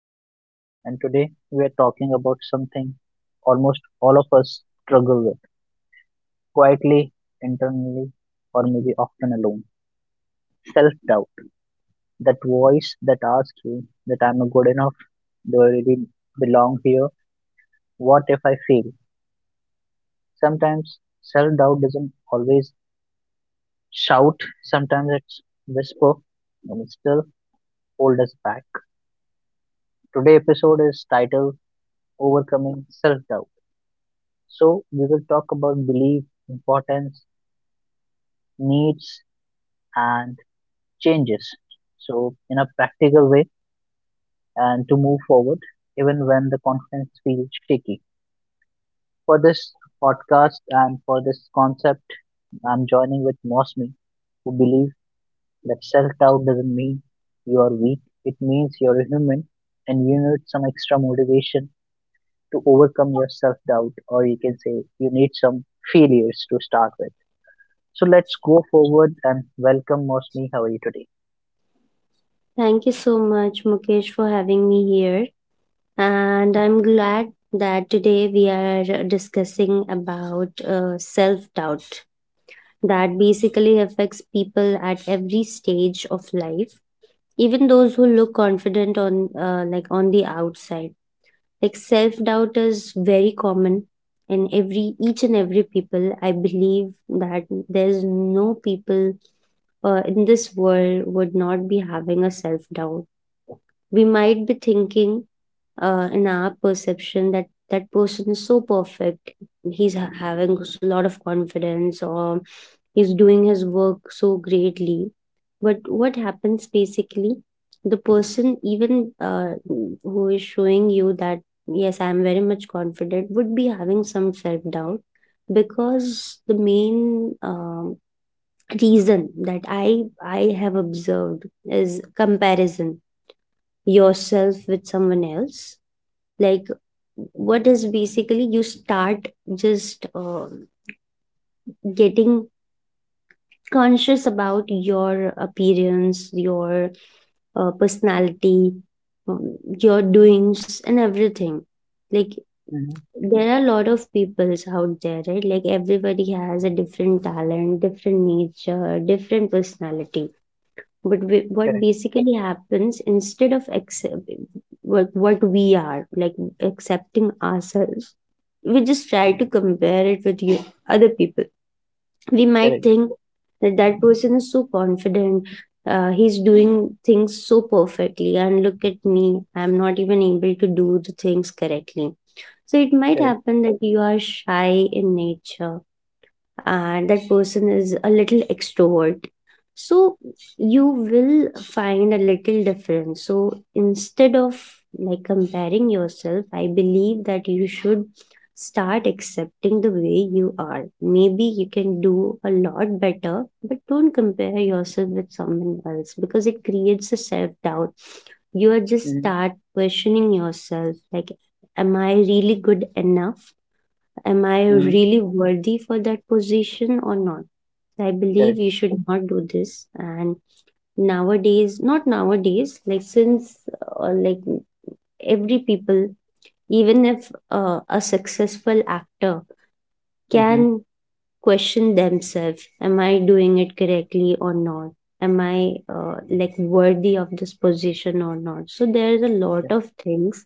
Mukesh, and today we are talking about something almost all of us struggle with quietly, internally, or maybe often alone self doubt. That voice that asks you that I'm not good enough, do I really belong here? What if I fail? Sometimes self doubt doesn't always shout, sometimes it's whisper, and it still hold us back. Today's episode is titled Overcoming Self Doubt. So, we will talk about belief, importance, needs, and changes. So, in a practical way, and to move forward, even when the confidence feels shaky. For this podcast and for this concept, I'm joining with Mosmi, who believes that self doubt doesn't mean you are weak, it means you're a human and you need some extra motivation to overcome your self doubt, or you can say you need some failures to start with. So let's go forward and welcome Mosni. How are you today? Thank you so much, Mukesh, for having me here. And I'm glad that today we are discussing about self doubt that basically affects people at every stage of life, even those who look confident on like on the outside. Like self doubt is very common in every each and every people. I believe that there's no people in this world would not be having a self doubt. We might be thinking in our perception that that person is so perfect, he's having a lot of confidence, or he's doing his work so greatly, but what happens basically, the person even who is showing you that yes, I am very much confident would be having some self doubt, because the main reason that I have observed is comparison yourself with someone else. Like, what is basically, you start just getting conscious about your appearance, your personality, your doings and everything. Like, Mm-hmm. there are a lot of peoples out there, right? Like, everybody has a different talent, different nature, different personality. But we, what Correct, basically happens, instead of accept, what we are, like accepting ourselves, we just try to compare it with you, other people. We might correct, think that that person is so confident, he's doing things so perfectly, and look at me, I'm not even able to do the things correctly. So it might correct. happen that you are shy in nature and that person is a little extrovert, so you will find a little difference. So instead of, like, comparing yourself, I believe that you should start accepting the way you are. Maybe you can do a lot better, but don't compare yourself with someone else, because it creates a self doubt. You are just Mm-hmm. start questioning yourself, like, am I really good enough? Am I Mm-hmm. really worthy for that position or not? I believe Correct. you should not do this. And nowadays, not nowadays, like, since uh, like every people, even if a successful actor Mm-hmm. can question themselves, am I doing it correctly or not? Am I worthy of this position or not? So there is a lot Yeah. of things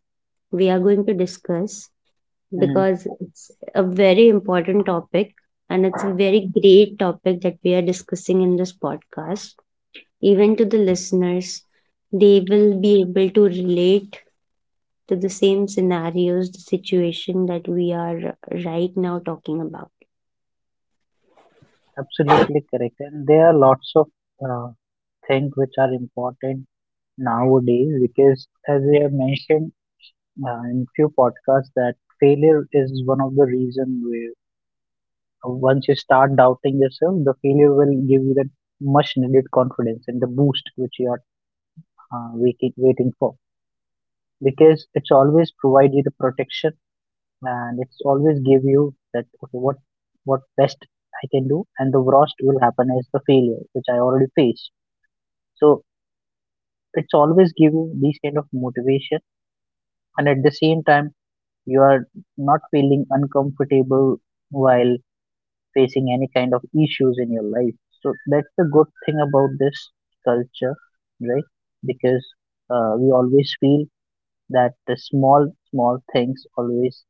we are going to discuss, Mm-hmm. because it's a very important topic, and it's a very great topic that we are discussing in this podcast. Even to the listeners, they will be able to relate to the same scenarios, the situation that we are right now talking about. Absolutely correct. And there are lots of uh, things which are important nowadays because, as we have mentioned in few podcasts, that failure is one of the reason where once you start doubting yourself, the failure will give you that much needed confidence and the boost which you are uh, waiting for. Because it's always provide you the protection and it's always give you that okay what best I can do and the worst will happen as the failure which I already faced. So it's always give you these kind of motivation and at the same time you are not feeling uncomfortable while facing any kind of issues in your life. So that's the good thing about this culture, right? Because we always feel that the small small things always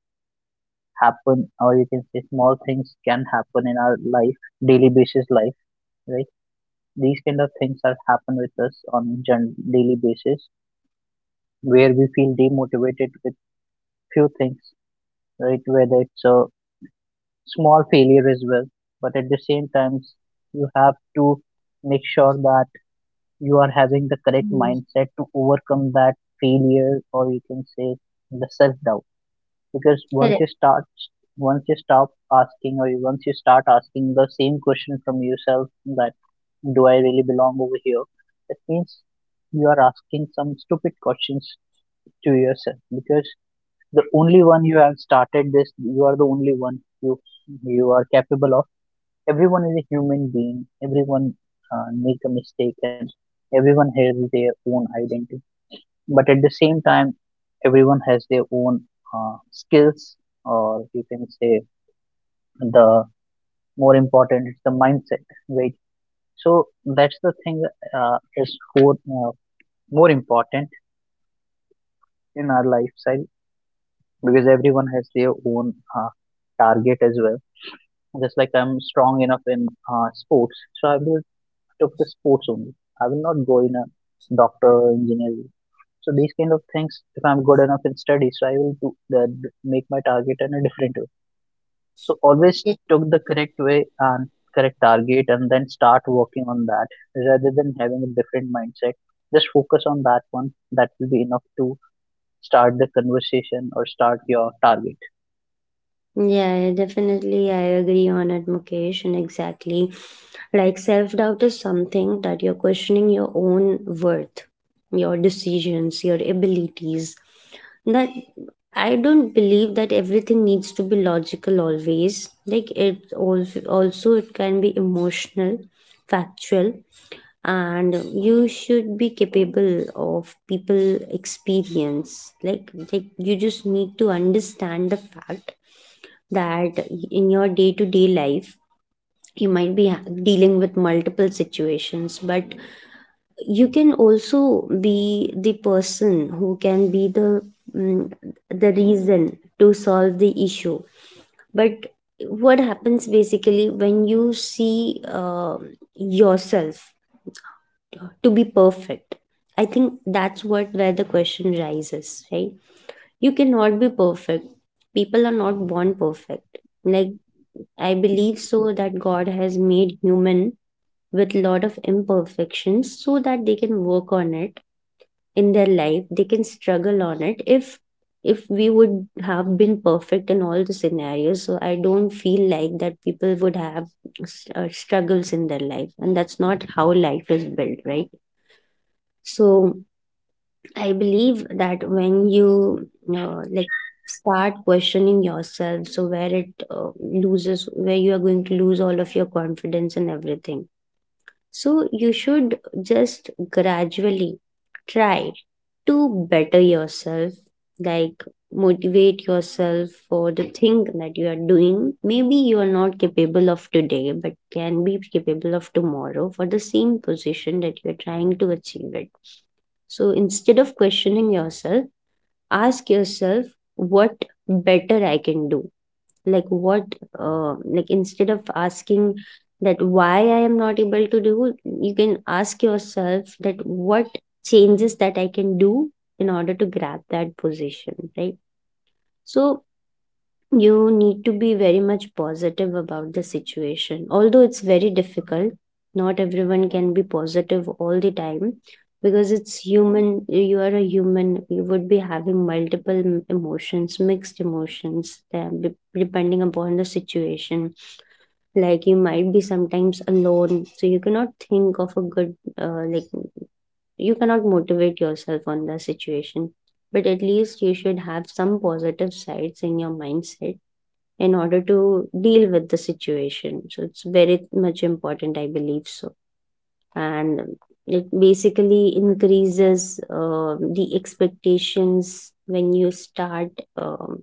happen, or you can say small things can happen in our life, daily basis life, right? These kind of things are happen with us on daily basis where we feel demotivated with few things, right? Whether it's a small failure as well, but at the same times you have to make sure that you are having the correct Mm. mindset to overcome that failure, or you can say the self doubt. Because Correct. Once you stop asking, or once you start asking the same question from yourself that do I really belong over here, that means you are asking some stupid questions to yourself. Because the only one you have started this, you are the only one, you you are capable of everyone is a human being. Everyone make a mistake, and everyone has their own identity, but at the same time everyone has their own skills, or you can say the more important is the mindset, right? So that's the thing is more important in our lifestyle, because everyone has their own target as well. Just like I'm strong enough in sports, so I will took the sports only. I will not go in a doctor or engineering. So these kind of things, if I'm good enough in studies, so I will do the, make my target in a different way. So always took the correct way and correct target, and then start working on that rather than having a different mindset. Just focus on that one. That will be enough to start the conversation or start your target. Yeah, definitely. I agree on it, Mukesh, and exactly. Like, self doubt is something that you're questioning your own worth, your decisions, your abilities. That, I don't believe that everything needs to be logical always. Like, it also it can be emotional, factual, and you should be capable of people experience. Like you just need to understand the fact that in your day to day life you might be dealing with multiple situations, but you can also be the person who can be the, mm, the reason to solve the issue. But what happens basically when you see, yourself to be perfect, I think that's what, where the question rises, right? You cannot be perfect. People are not born perfect. Like, I believe so that God has made human with lot of imperfections, so that they can work on it in their life. They can struggle on it. If we would have been perfect in all the scenarios, so I don't feel like that people would have struggles in their life, and that's not how life is built, right? So I believe that when you uh, like start questioning yourself, so where it loses, where you are going to lose all of your confidence and everything. So you should just gradually try to better yourself, like, motivate yourself for the thing that you are doing. Maybe you are not capable of today, but can be capable of tomorrow for the same position that you are trying to achieve it. So instead of questioning yourself, ask yourself what better I can do. Like, what, instead of asking that why I am not able to do, you can ask yourself that what changes that I can do in order to grab that position, right? So you need to be very much positive about the situation. Although it's very difficult, not everyone can be positive all the time, because it's human. You are a human, you would be having multiple emotions, mixed emotions, depending upon the situation. Like, you might be sometimes alone, so you cannot think of a good, uh, like, you cannot motivate yourself on the situation. But at least you should have some positive sides in your mindset in order to deal with the situation. So it's very much important, I believe so. And it basically increases the expectations when you start um,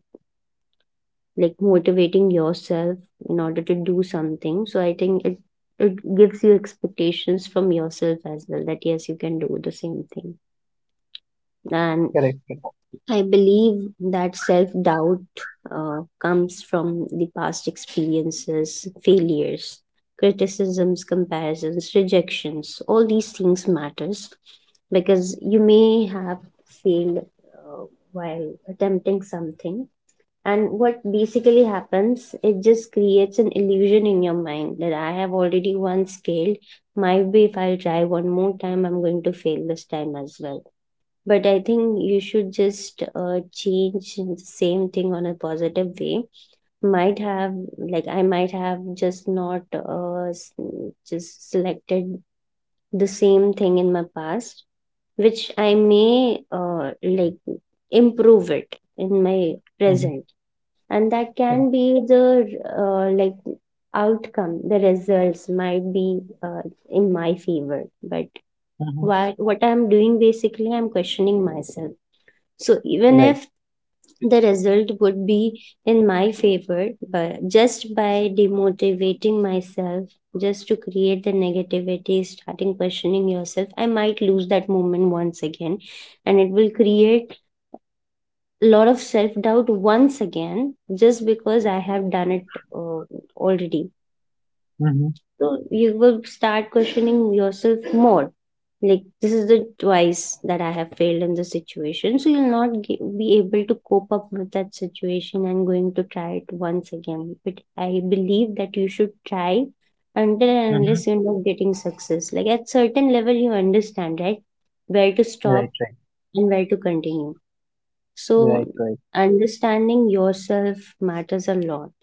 motivating yourself in order to do something. So I think it gives you expectations from yourself as well, that yes, you can do the same thing. And Correct, correct. I believe that self doubt comes from the past experiences, failures, criticisms, comparisons, rejections. All these things matters, because you may have failed uh, while attempting something. And what basically happens, it just creates an illusion in your mind that I have already once failed. Might be if I'll try one more time, I'm going to fail this time as well. But I think you should just change the same thing on a positive way. Might have, like, I might have just not just selected the same thing in my past, which I may, like improve it in my Mhm, present, and that correct. can be the uh, like outcome the results might be uh, in my favor. But Mhm. what I'm doing basically, I'm questioning myself. So even Right. if the result would be in my favor, but just by demotivating myself, just to create the negativity, starting questioning yourself, I might lose that moment once again. And it will create a lot of self doubt once again, just because I have done it uh, already. Mhm, So you will start questioning yourself more. Like, this is the twice that I have failed in this situation. So you'll not be able to cope up with that situation and going to try it once again. But I believe that you should try until and mhm. unless you're not getting success. Like, at certain level, you understand, right? Where to stop Right. Right. and where to continue. So Right. Right. understanding yourself matters a lot.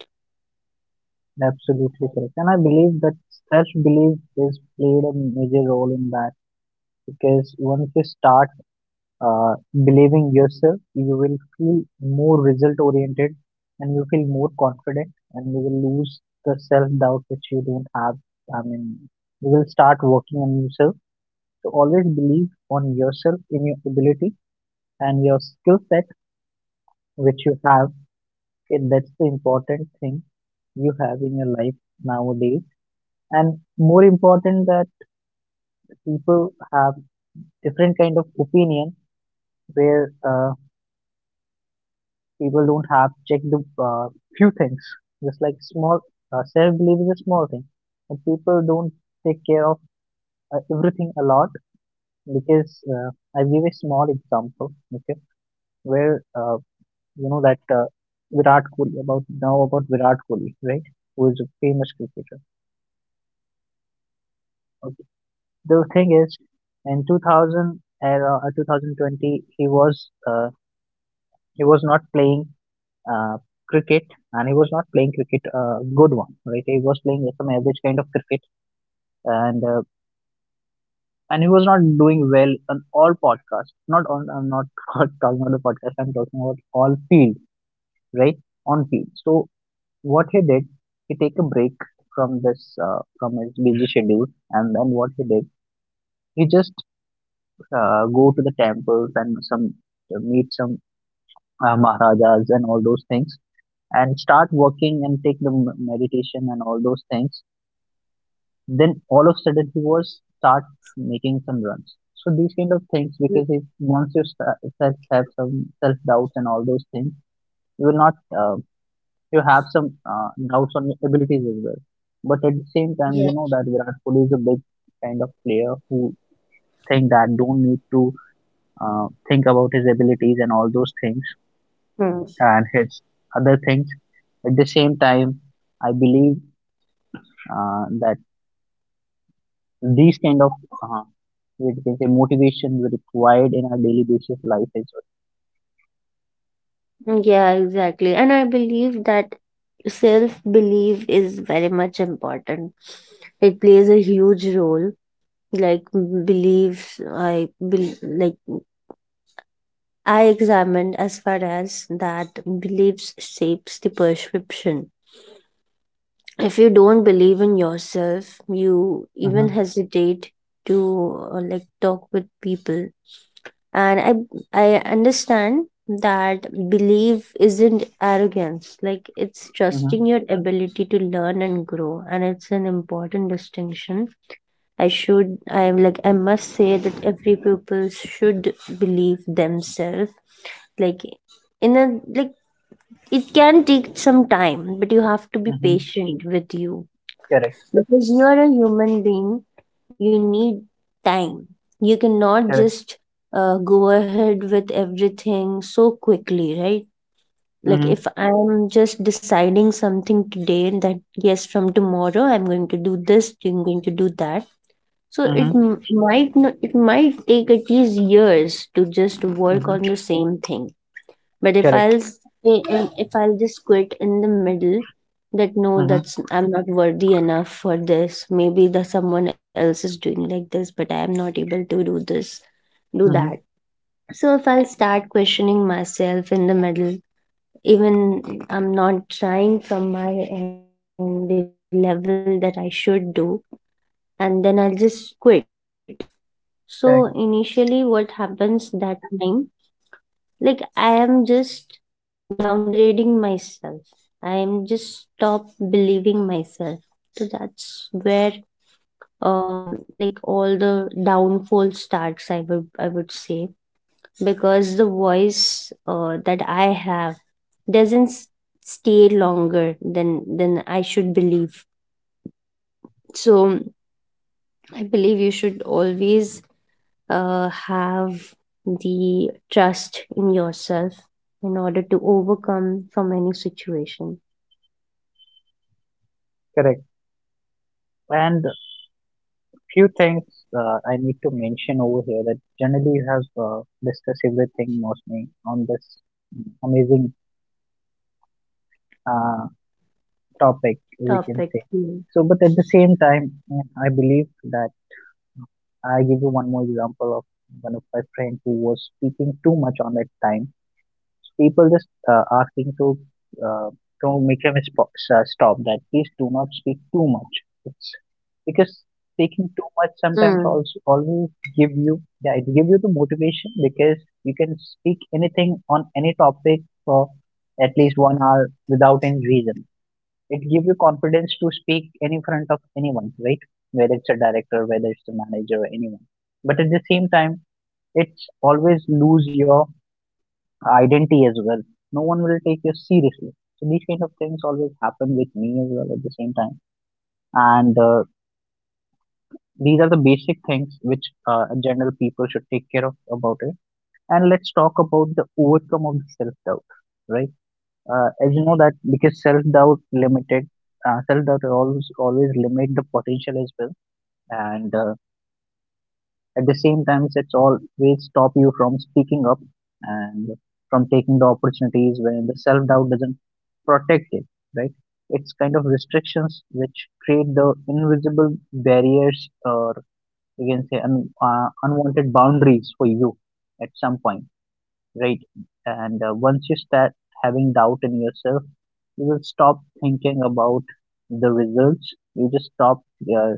Absolutely correct. And I believe that self belief is played a major role in that, because once you start believing yourself, you will feel more result oriented and you feel more confident and you will lose the self doubt which you don't have. I mean, you will start working on yourself. So always believe on yourself, in your ability and your skill set which you have. Okay, that's the important thing you have in your life nowadays, and more important that people have different kind of opinion where people don't have checked the uh, few things. Just like small self belief is a small thing, but people don't take care of everything a lot. Because I give a small example, okay, where uh, you know that uh, virat kohli about now about virat kohli, right? Who is a famous cricketer, okay. The thing is, in 2000 era 2020 he was uh, not playing uh, cricket. And he was not playing cricket good one, right? He was playing some average kind of cricket. And uh, and he was not doing well on all podcasts, not on, I'm not talking about the podcast, I'm talking about all field, right? On field. So what he did, he take a break from this, from his busy schedule. And then what he did, he just go to the temples and some meet some maharajas and all those things, and start working and take the meditation and all those things. Then all of a sudden he was start making some runs. So these kind of things, Mm. because if once you start self have some self doubts and all those things, you will not uh, you have some uh, doubts on your abilities as well. But at the same time Yeah. you know that Virat Kohli is a big kind of player who think that don't need to think about his abilities and all those things Hmm. and his other things. At the same time I believe that these kind of uh, we can say motivation we required in our daily basis life as well. Yeah, exactly. And I believe that self belief is very much important. It plays a huge role. Like m- beliefs I bel like I examined as far as that beliefs shapes the perception. If you don't believe in yourself, you even Mm-hmm, hesitate to talk with people. And I understand that belief isn't arrogance, like, it's mm-hmm, trusting your ability to learn and grow, and it's an important distinction. I should I am like I must say that every pupil should believe themselves, like, in a, like, it can take some time, but you have to be mm-hmm. patient with you, Correct, because you are a human being, you need time. You cannot correct. just go ahead with everything so quickly, right? Like, Mm-hmm, if I'm just deciding something today that yes, from tomorrow I'm going to do this, I'm going to do that. So it mm-hmm, might not, it might take at least years to just work mm-hmm. on the same thing. But if Correct. I'll stay, if I'll just quit in the middle, that no, that's Mm-hmm, I'm not worthy enough for this. Maybe that someone else is doing like this, but I am not able to do this, do that. mm-hmm. So if I'll start questioning myself in the middle, even I'm not trying from my end the level that I should do, and then I'll just quit. So Correct, initially, what happens that time? Like, I am just downgrading myself, I am just stop believing myself. So that's where, all the downfall starts, I would say, because the voice that I have doesn't stay longer than I should believe. So I believe you should always have the trust in yourself in order to overcome from any situation. correct. And few things I need to mention over here that generally you have discussed everything mostly on this amazing uh, topic we Topic, can say. mm. So, but at the same time, I believe that I give you one more example of one of my friend who was speaking too much on that time. So people just uh, asking to uh, to make him stop that. Please do not speak too much. It's because speaking too much sometimes Mm. also always give you, yeah, it give you the motivation, because you can speak anything on any topic for at least 1 hour without any reason. It gives you confidence to speak in front of anyone, right? Whether it's a director, whether it's a manager, anyone. But at the same time, it's always lose your identity as well. No one will take you seriously. So these kind of things always happen with me as well at the same time. And these are the basic things which general people should take care of about it. And let's talk about the overcome of self doubt, right? As you know that because limited self doubt always always limit the potential as well, and at the same time, it's always stop you from speaking up and from taking the opportunities when the self doubt doesn't protect it. Right? It's kind of restrictions which create the invisible barriers, or you can say unwanted boundaries for you at some point, right? And once you start having doubt in yourself, you will stop thinking about the results. You just stop uh,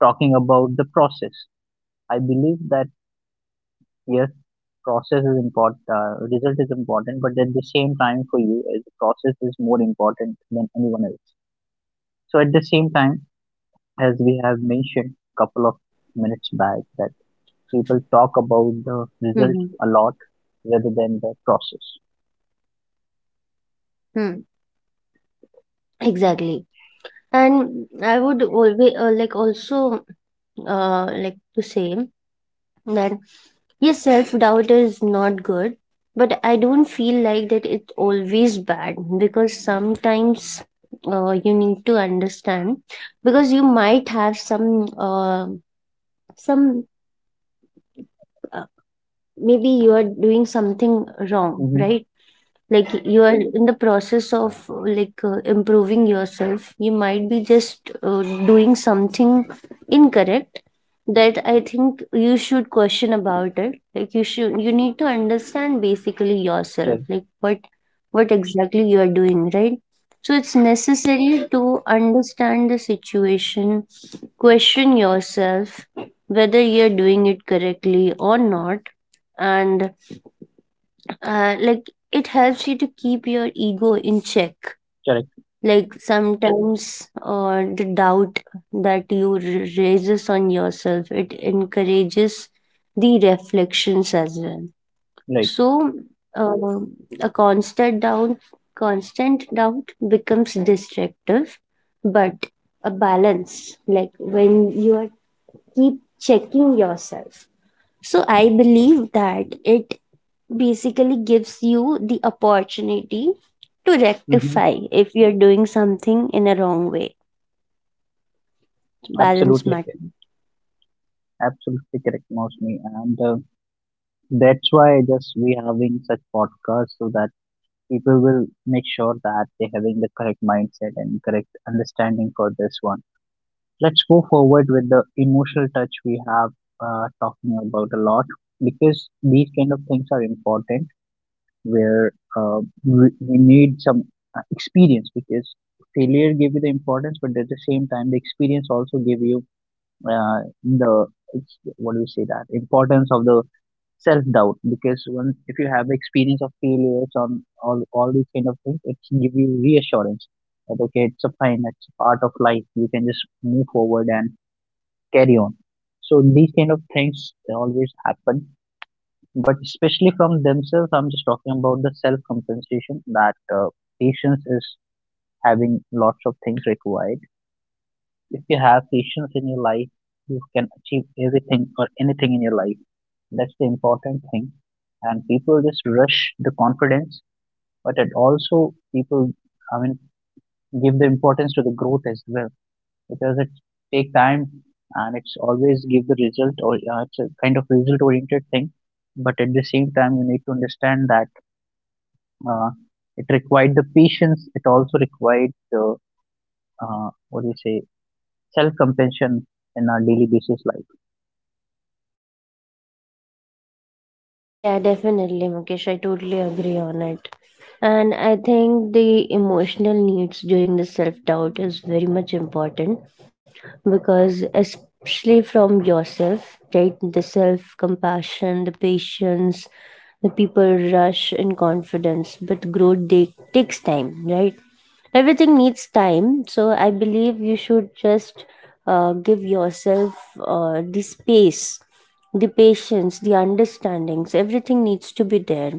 talking about the process. I believe that yes, process is important, result is important, but at the same time for you the process is more important than anyone else. So at the same time, as Mm, we have yeah. mentioned a couple of minutes back, that people talk about the result Mm-hmm. a lot rather than the process. Hmm. Mm. Exactly. And I would always like also like to say that yes, self doubt is not good, but I don't feel like that it's always bad because sometimes you need to understand because you might have uh, some uh, maybe you are doing something wrong, Mm-hmm. right? Like you are in the process of like improving yourself, you might be just doing something incorrect. That I think you should question about it. Like you should, you need to understand basically yourself, like what exactly you are doing, right? So it's necessary to understand the situation, question yourself whether you're doing it correctly or not. And like it helps you to keep your ego in check. Correct. Like sometimes the doubt that raises on yourself, it encourages the reflections as well. Right. So uh, a constant doubt, constant doubt becomes destructive, but a balance, like when you are keep checking yourself, so I believe that it basically gives you the opportunity to Mhm. rectify if you're doing something in a wrong way. Balance Absolutely correct. matters. Absolutely correct, Mostly, and that's why just we having such podcasts, so that people will make sure that they having the correct mindset and correct understanding for this one. Let's go forward with the emotional touch we have talking about a lot, because these kind of things are important where uh, we need some experience. Because failure give you the importance, but at the same time the experience also give you the, it's, what do you say, that importance of the self doubt. Because when if you have the experience of failures on all these kind of things, it can give you reassurance that okay it's a fine, it's a part of life, you can just move forward and carry on. So these kind of things they always happen, but especially from themselves, I'm just talking about the self compensation that patience is having lots of things required. If you have patience in your life, you can achieve everything or anything in your life. That's the important thing. And people just rush the confidence, but it also people, I mean, give the importance to the growth as well, because it take time, and it's always give the result, or it's a kind of result oriented thing. But at the same time, you need to understand that uh, it required the patience. It also required the what do you say, self compassion, in our daily basis life. Yeah, definitely, Mukesh. I totally agree on it. And I think the emotional needs during the self doubt is very much important because especially from yourself, right? The self compassion, the patience, the people rush in confidence, but growth they, takes time, right? Everything needs time. So I believe you should just give yourself the space, the patience, the understandings, everything needs to be there.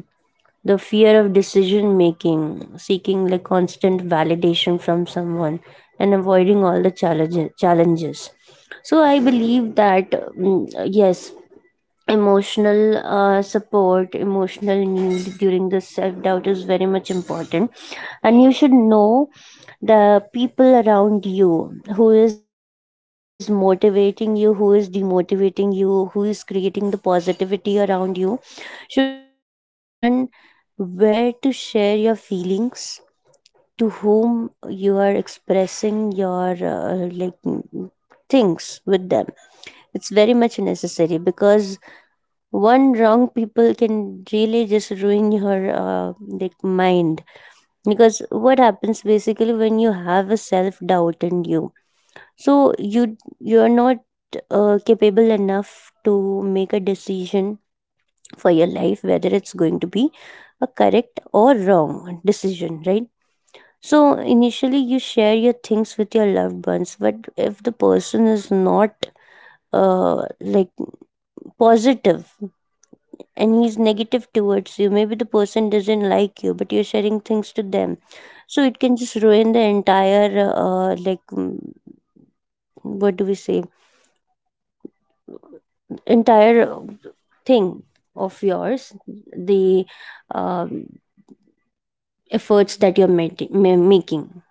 The fear of decision making, seeking like constant validation from someone, and avoiding all the challenges. Challenges. So I believe that yes, emotional support, emotional need during the self doubt is very much important, and you should know the people around you, who is motivating you, who is demotivating you, who is creating the positivity around you. So you should understand where to share your feelings, to whom you are expressing your like things with them. It's very much necessary because one wrong people can really just ruin your like mind. Because what happens basically when you have a self doubt in you, so you're not capable enough to make a decision for your life, whether it's going to be a correct or wrong decision, right? So initially you share your things with your loved ones, but if the person is not uh, like positive and he's negative towards you, maybe the person doesn't like you, but you're sharing things to them, so it can just ruin the entire like what do we say, entire thing of yours, the um efforts that you're making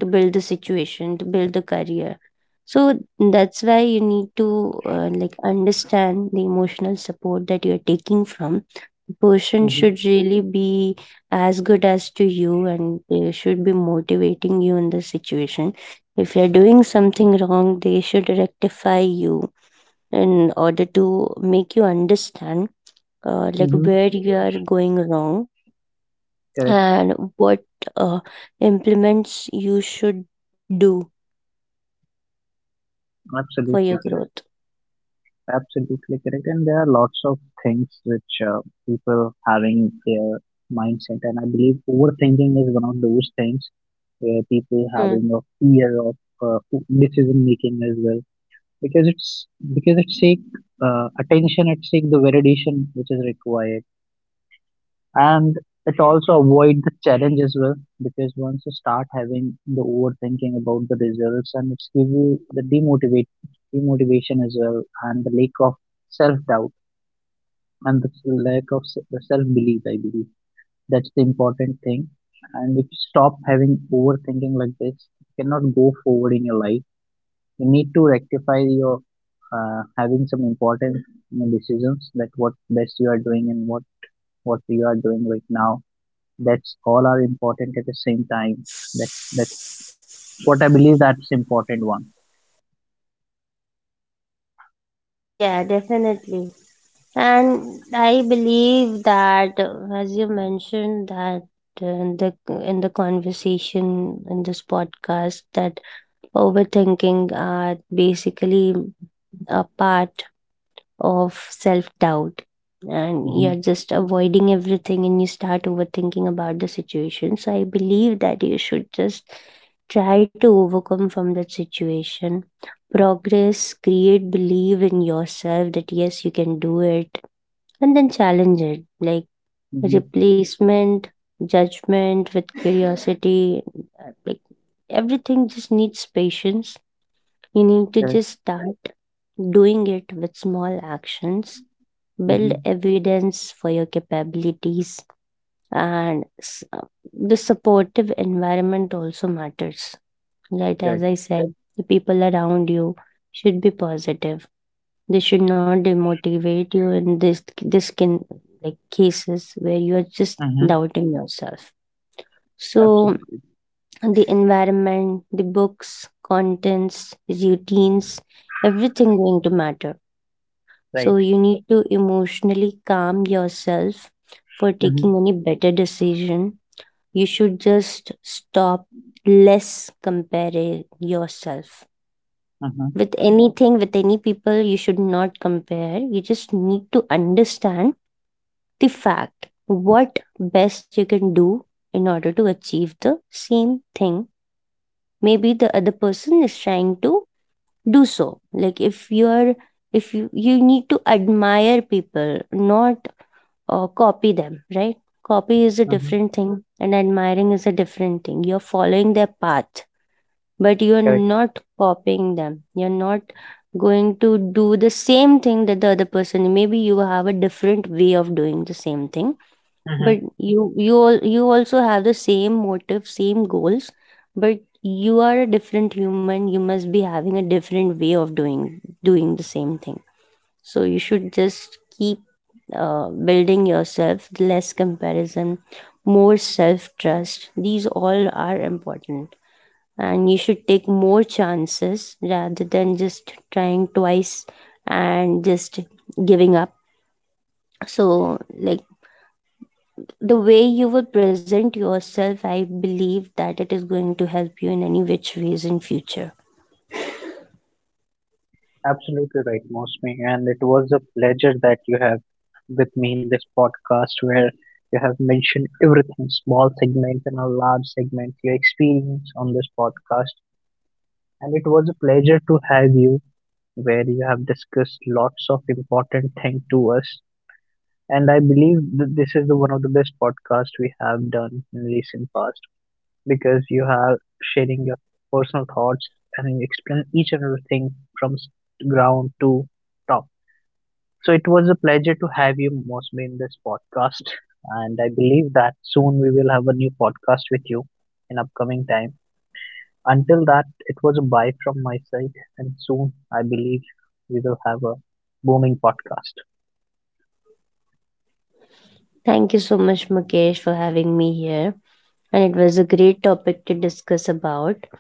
to build the situation, to build the career. So that's why you need to like understand the emotional support that you're taking from. The person Mm-hmm. should really be as good as to you, and they should be motivating you in the situation. If you're doing something wrong, they should rectify you in order to make you understand like Mm-hmm. where you are going wrong Correct. and what uh, implements you should do for your Absolutely correct. growth. Absolutely correct. And there are lots of things which people having their mindset, and I believe overthinking is one of those things where people Hmm. having a fear of uh, decision making as well. Because it seek attention, it seek the validation which is required. And it also avoid the challenge as well, because once you start having the overthinking about the results, and it's give you the demotivate demotivation as well, and the lack of self doubt and the lack of self belief, I believe that's the important thing. And if you stop having overthinking like this, you cannot go forward in your life. You need to rectify your having some important, you know, decisions like what best you are doing, and what you are doing right now. That's all are important at the same time. That's what I believe, that's important one. Yeah, definitely. And I believe that, as you mentioned, that uh, in the in the conversation in this podcast, that overthinking are basically a part of self doubt, and Mm-hmm. you're just avoiding everything and you start overthinking about the situation. So I believe that you should just try to overcome from that situation. Progress, create believe in yourself that yes, you can do it, and then challenge it. Like Mm-hmm. replacement, judgment with curiosity, like everything just needs patience. You need to Correct. just start doing it with small actions, build Mm-hmm. evidence for your capabilities and the supportive environment also matters, right? As Correct. I said, the people around you should be positive, they should not demotivate you in this, this can like cases where you are just Mm-hmm. doubting yourself. So Absolutely the environment, the books, contents, routines, everything going to matter. right. So you need to emotionally calm yourself for Mm-hmm. taking any better decision. You should just stop less comparing yourself Mm-hmm. with anything, with any people, you should not compare. You just need to understand the fact what best you can do in order to achieve the same thing maybe the other person is trying to do. So like if you are, if you, you need to admire people, not copy them, right? Copy is a Mm-hmm. different thing, and admiring is a different thing. You're following their path, but you're Correct. not copying them. You're not going to do the same thing that the other person, maybe you have a different way of doing the same thing, but Mm-hmm. you you also have the same motive, same goals, but you are a different human, you must be having a different way of doing the same thing. So you should just keep building yourself, less comparison, more self trust, these all are important. And you should take more chances rather than just trying twice and just giving up. So like, the way you will present yourself, I believe that it is going to help you in any which ways in future. Absolutely right, Mosme. And it was a pleasure that you have with me in this podcast, where you have mentioned everything, small segments and a large segment, your experience on this podcast. And it was a pleasure to have you, where you have discussed lots of important things to us. And I believe that this is the, one of the best podcasts we have done in recent past, because you have sharing your personal thoughts and you explain each and everything from ground to top. So it was a pleasure to have you mostly in this podcast, and I believe that soon we will have a new podcast with you in upcoming time. Until that, it was a bye from my side, and soon I believe we will have a booming podcast. Thank you so much, Mukesh, for having me here, and it was a great topic to discuss about.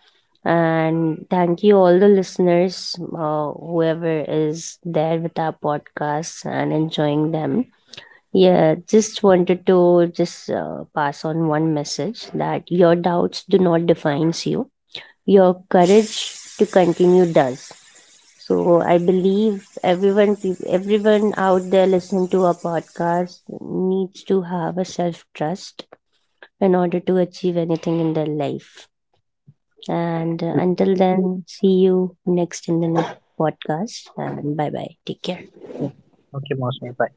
And thank you, all the listeners, whoever is there with our podcasts and enjoying them. Yeah, just wanted to just pass on one message that your doubts do not defines you. Your courage to continue does. So I believe everyone, everyone out there listening to our podcast needs to have a self trust in order to achieve anything in their life. And until then, see you next in the next podcast. And bye bye. Take care. Okay, Mosme, bye.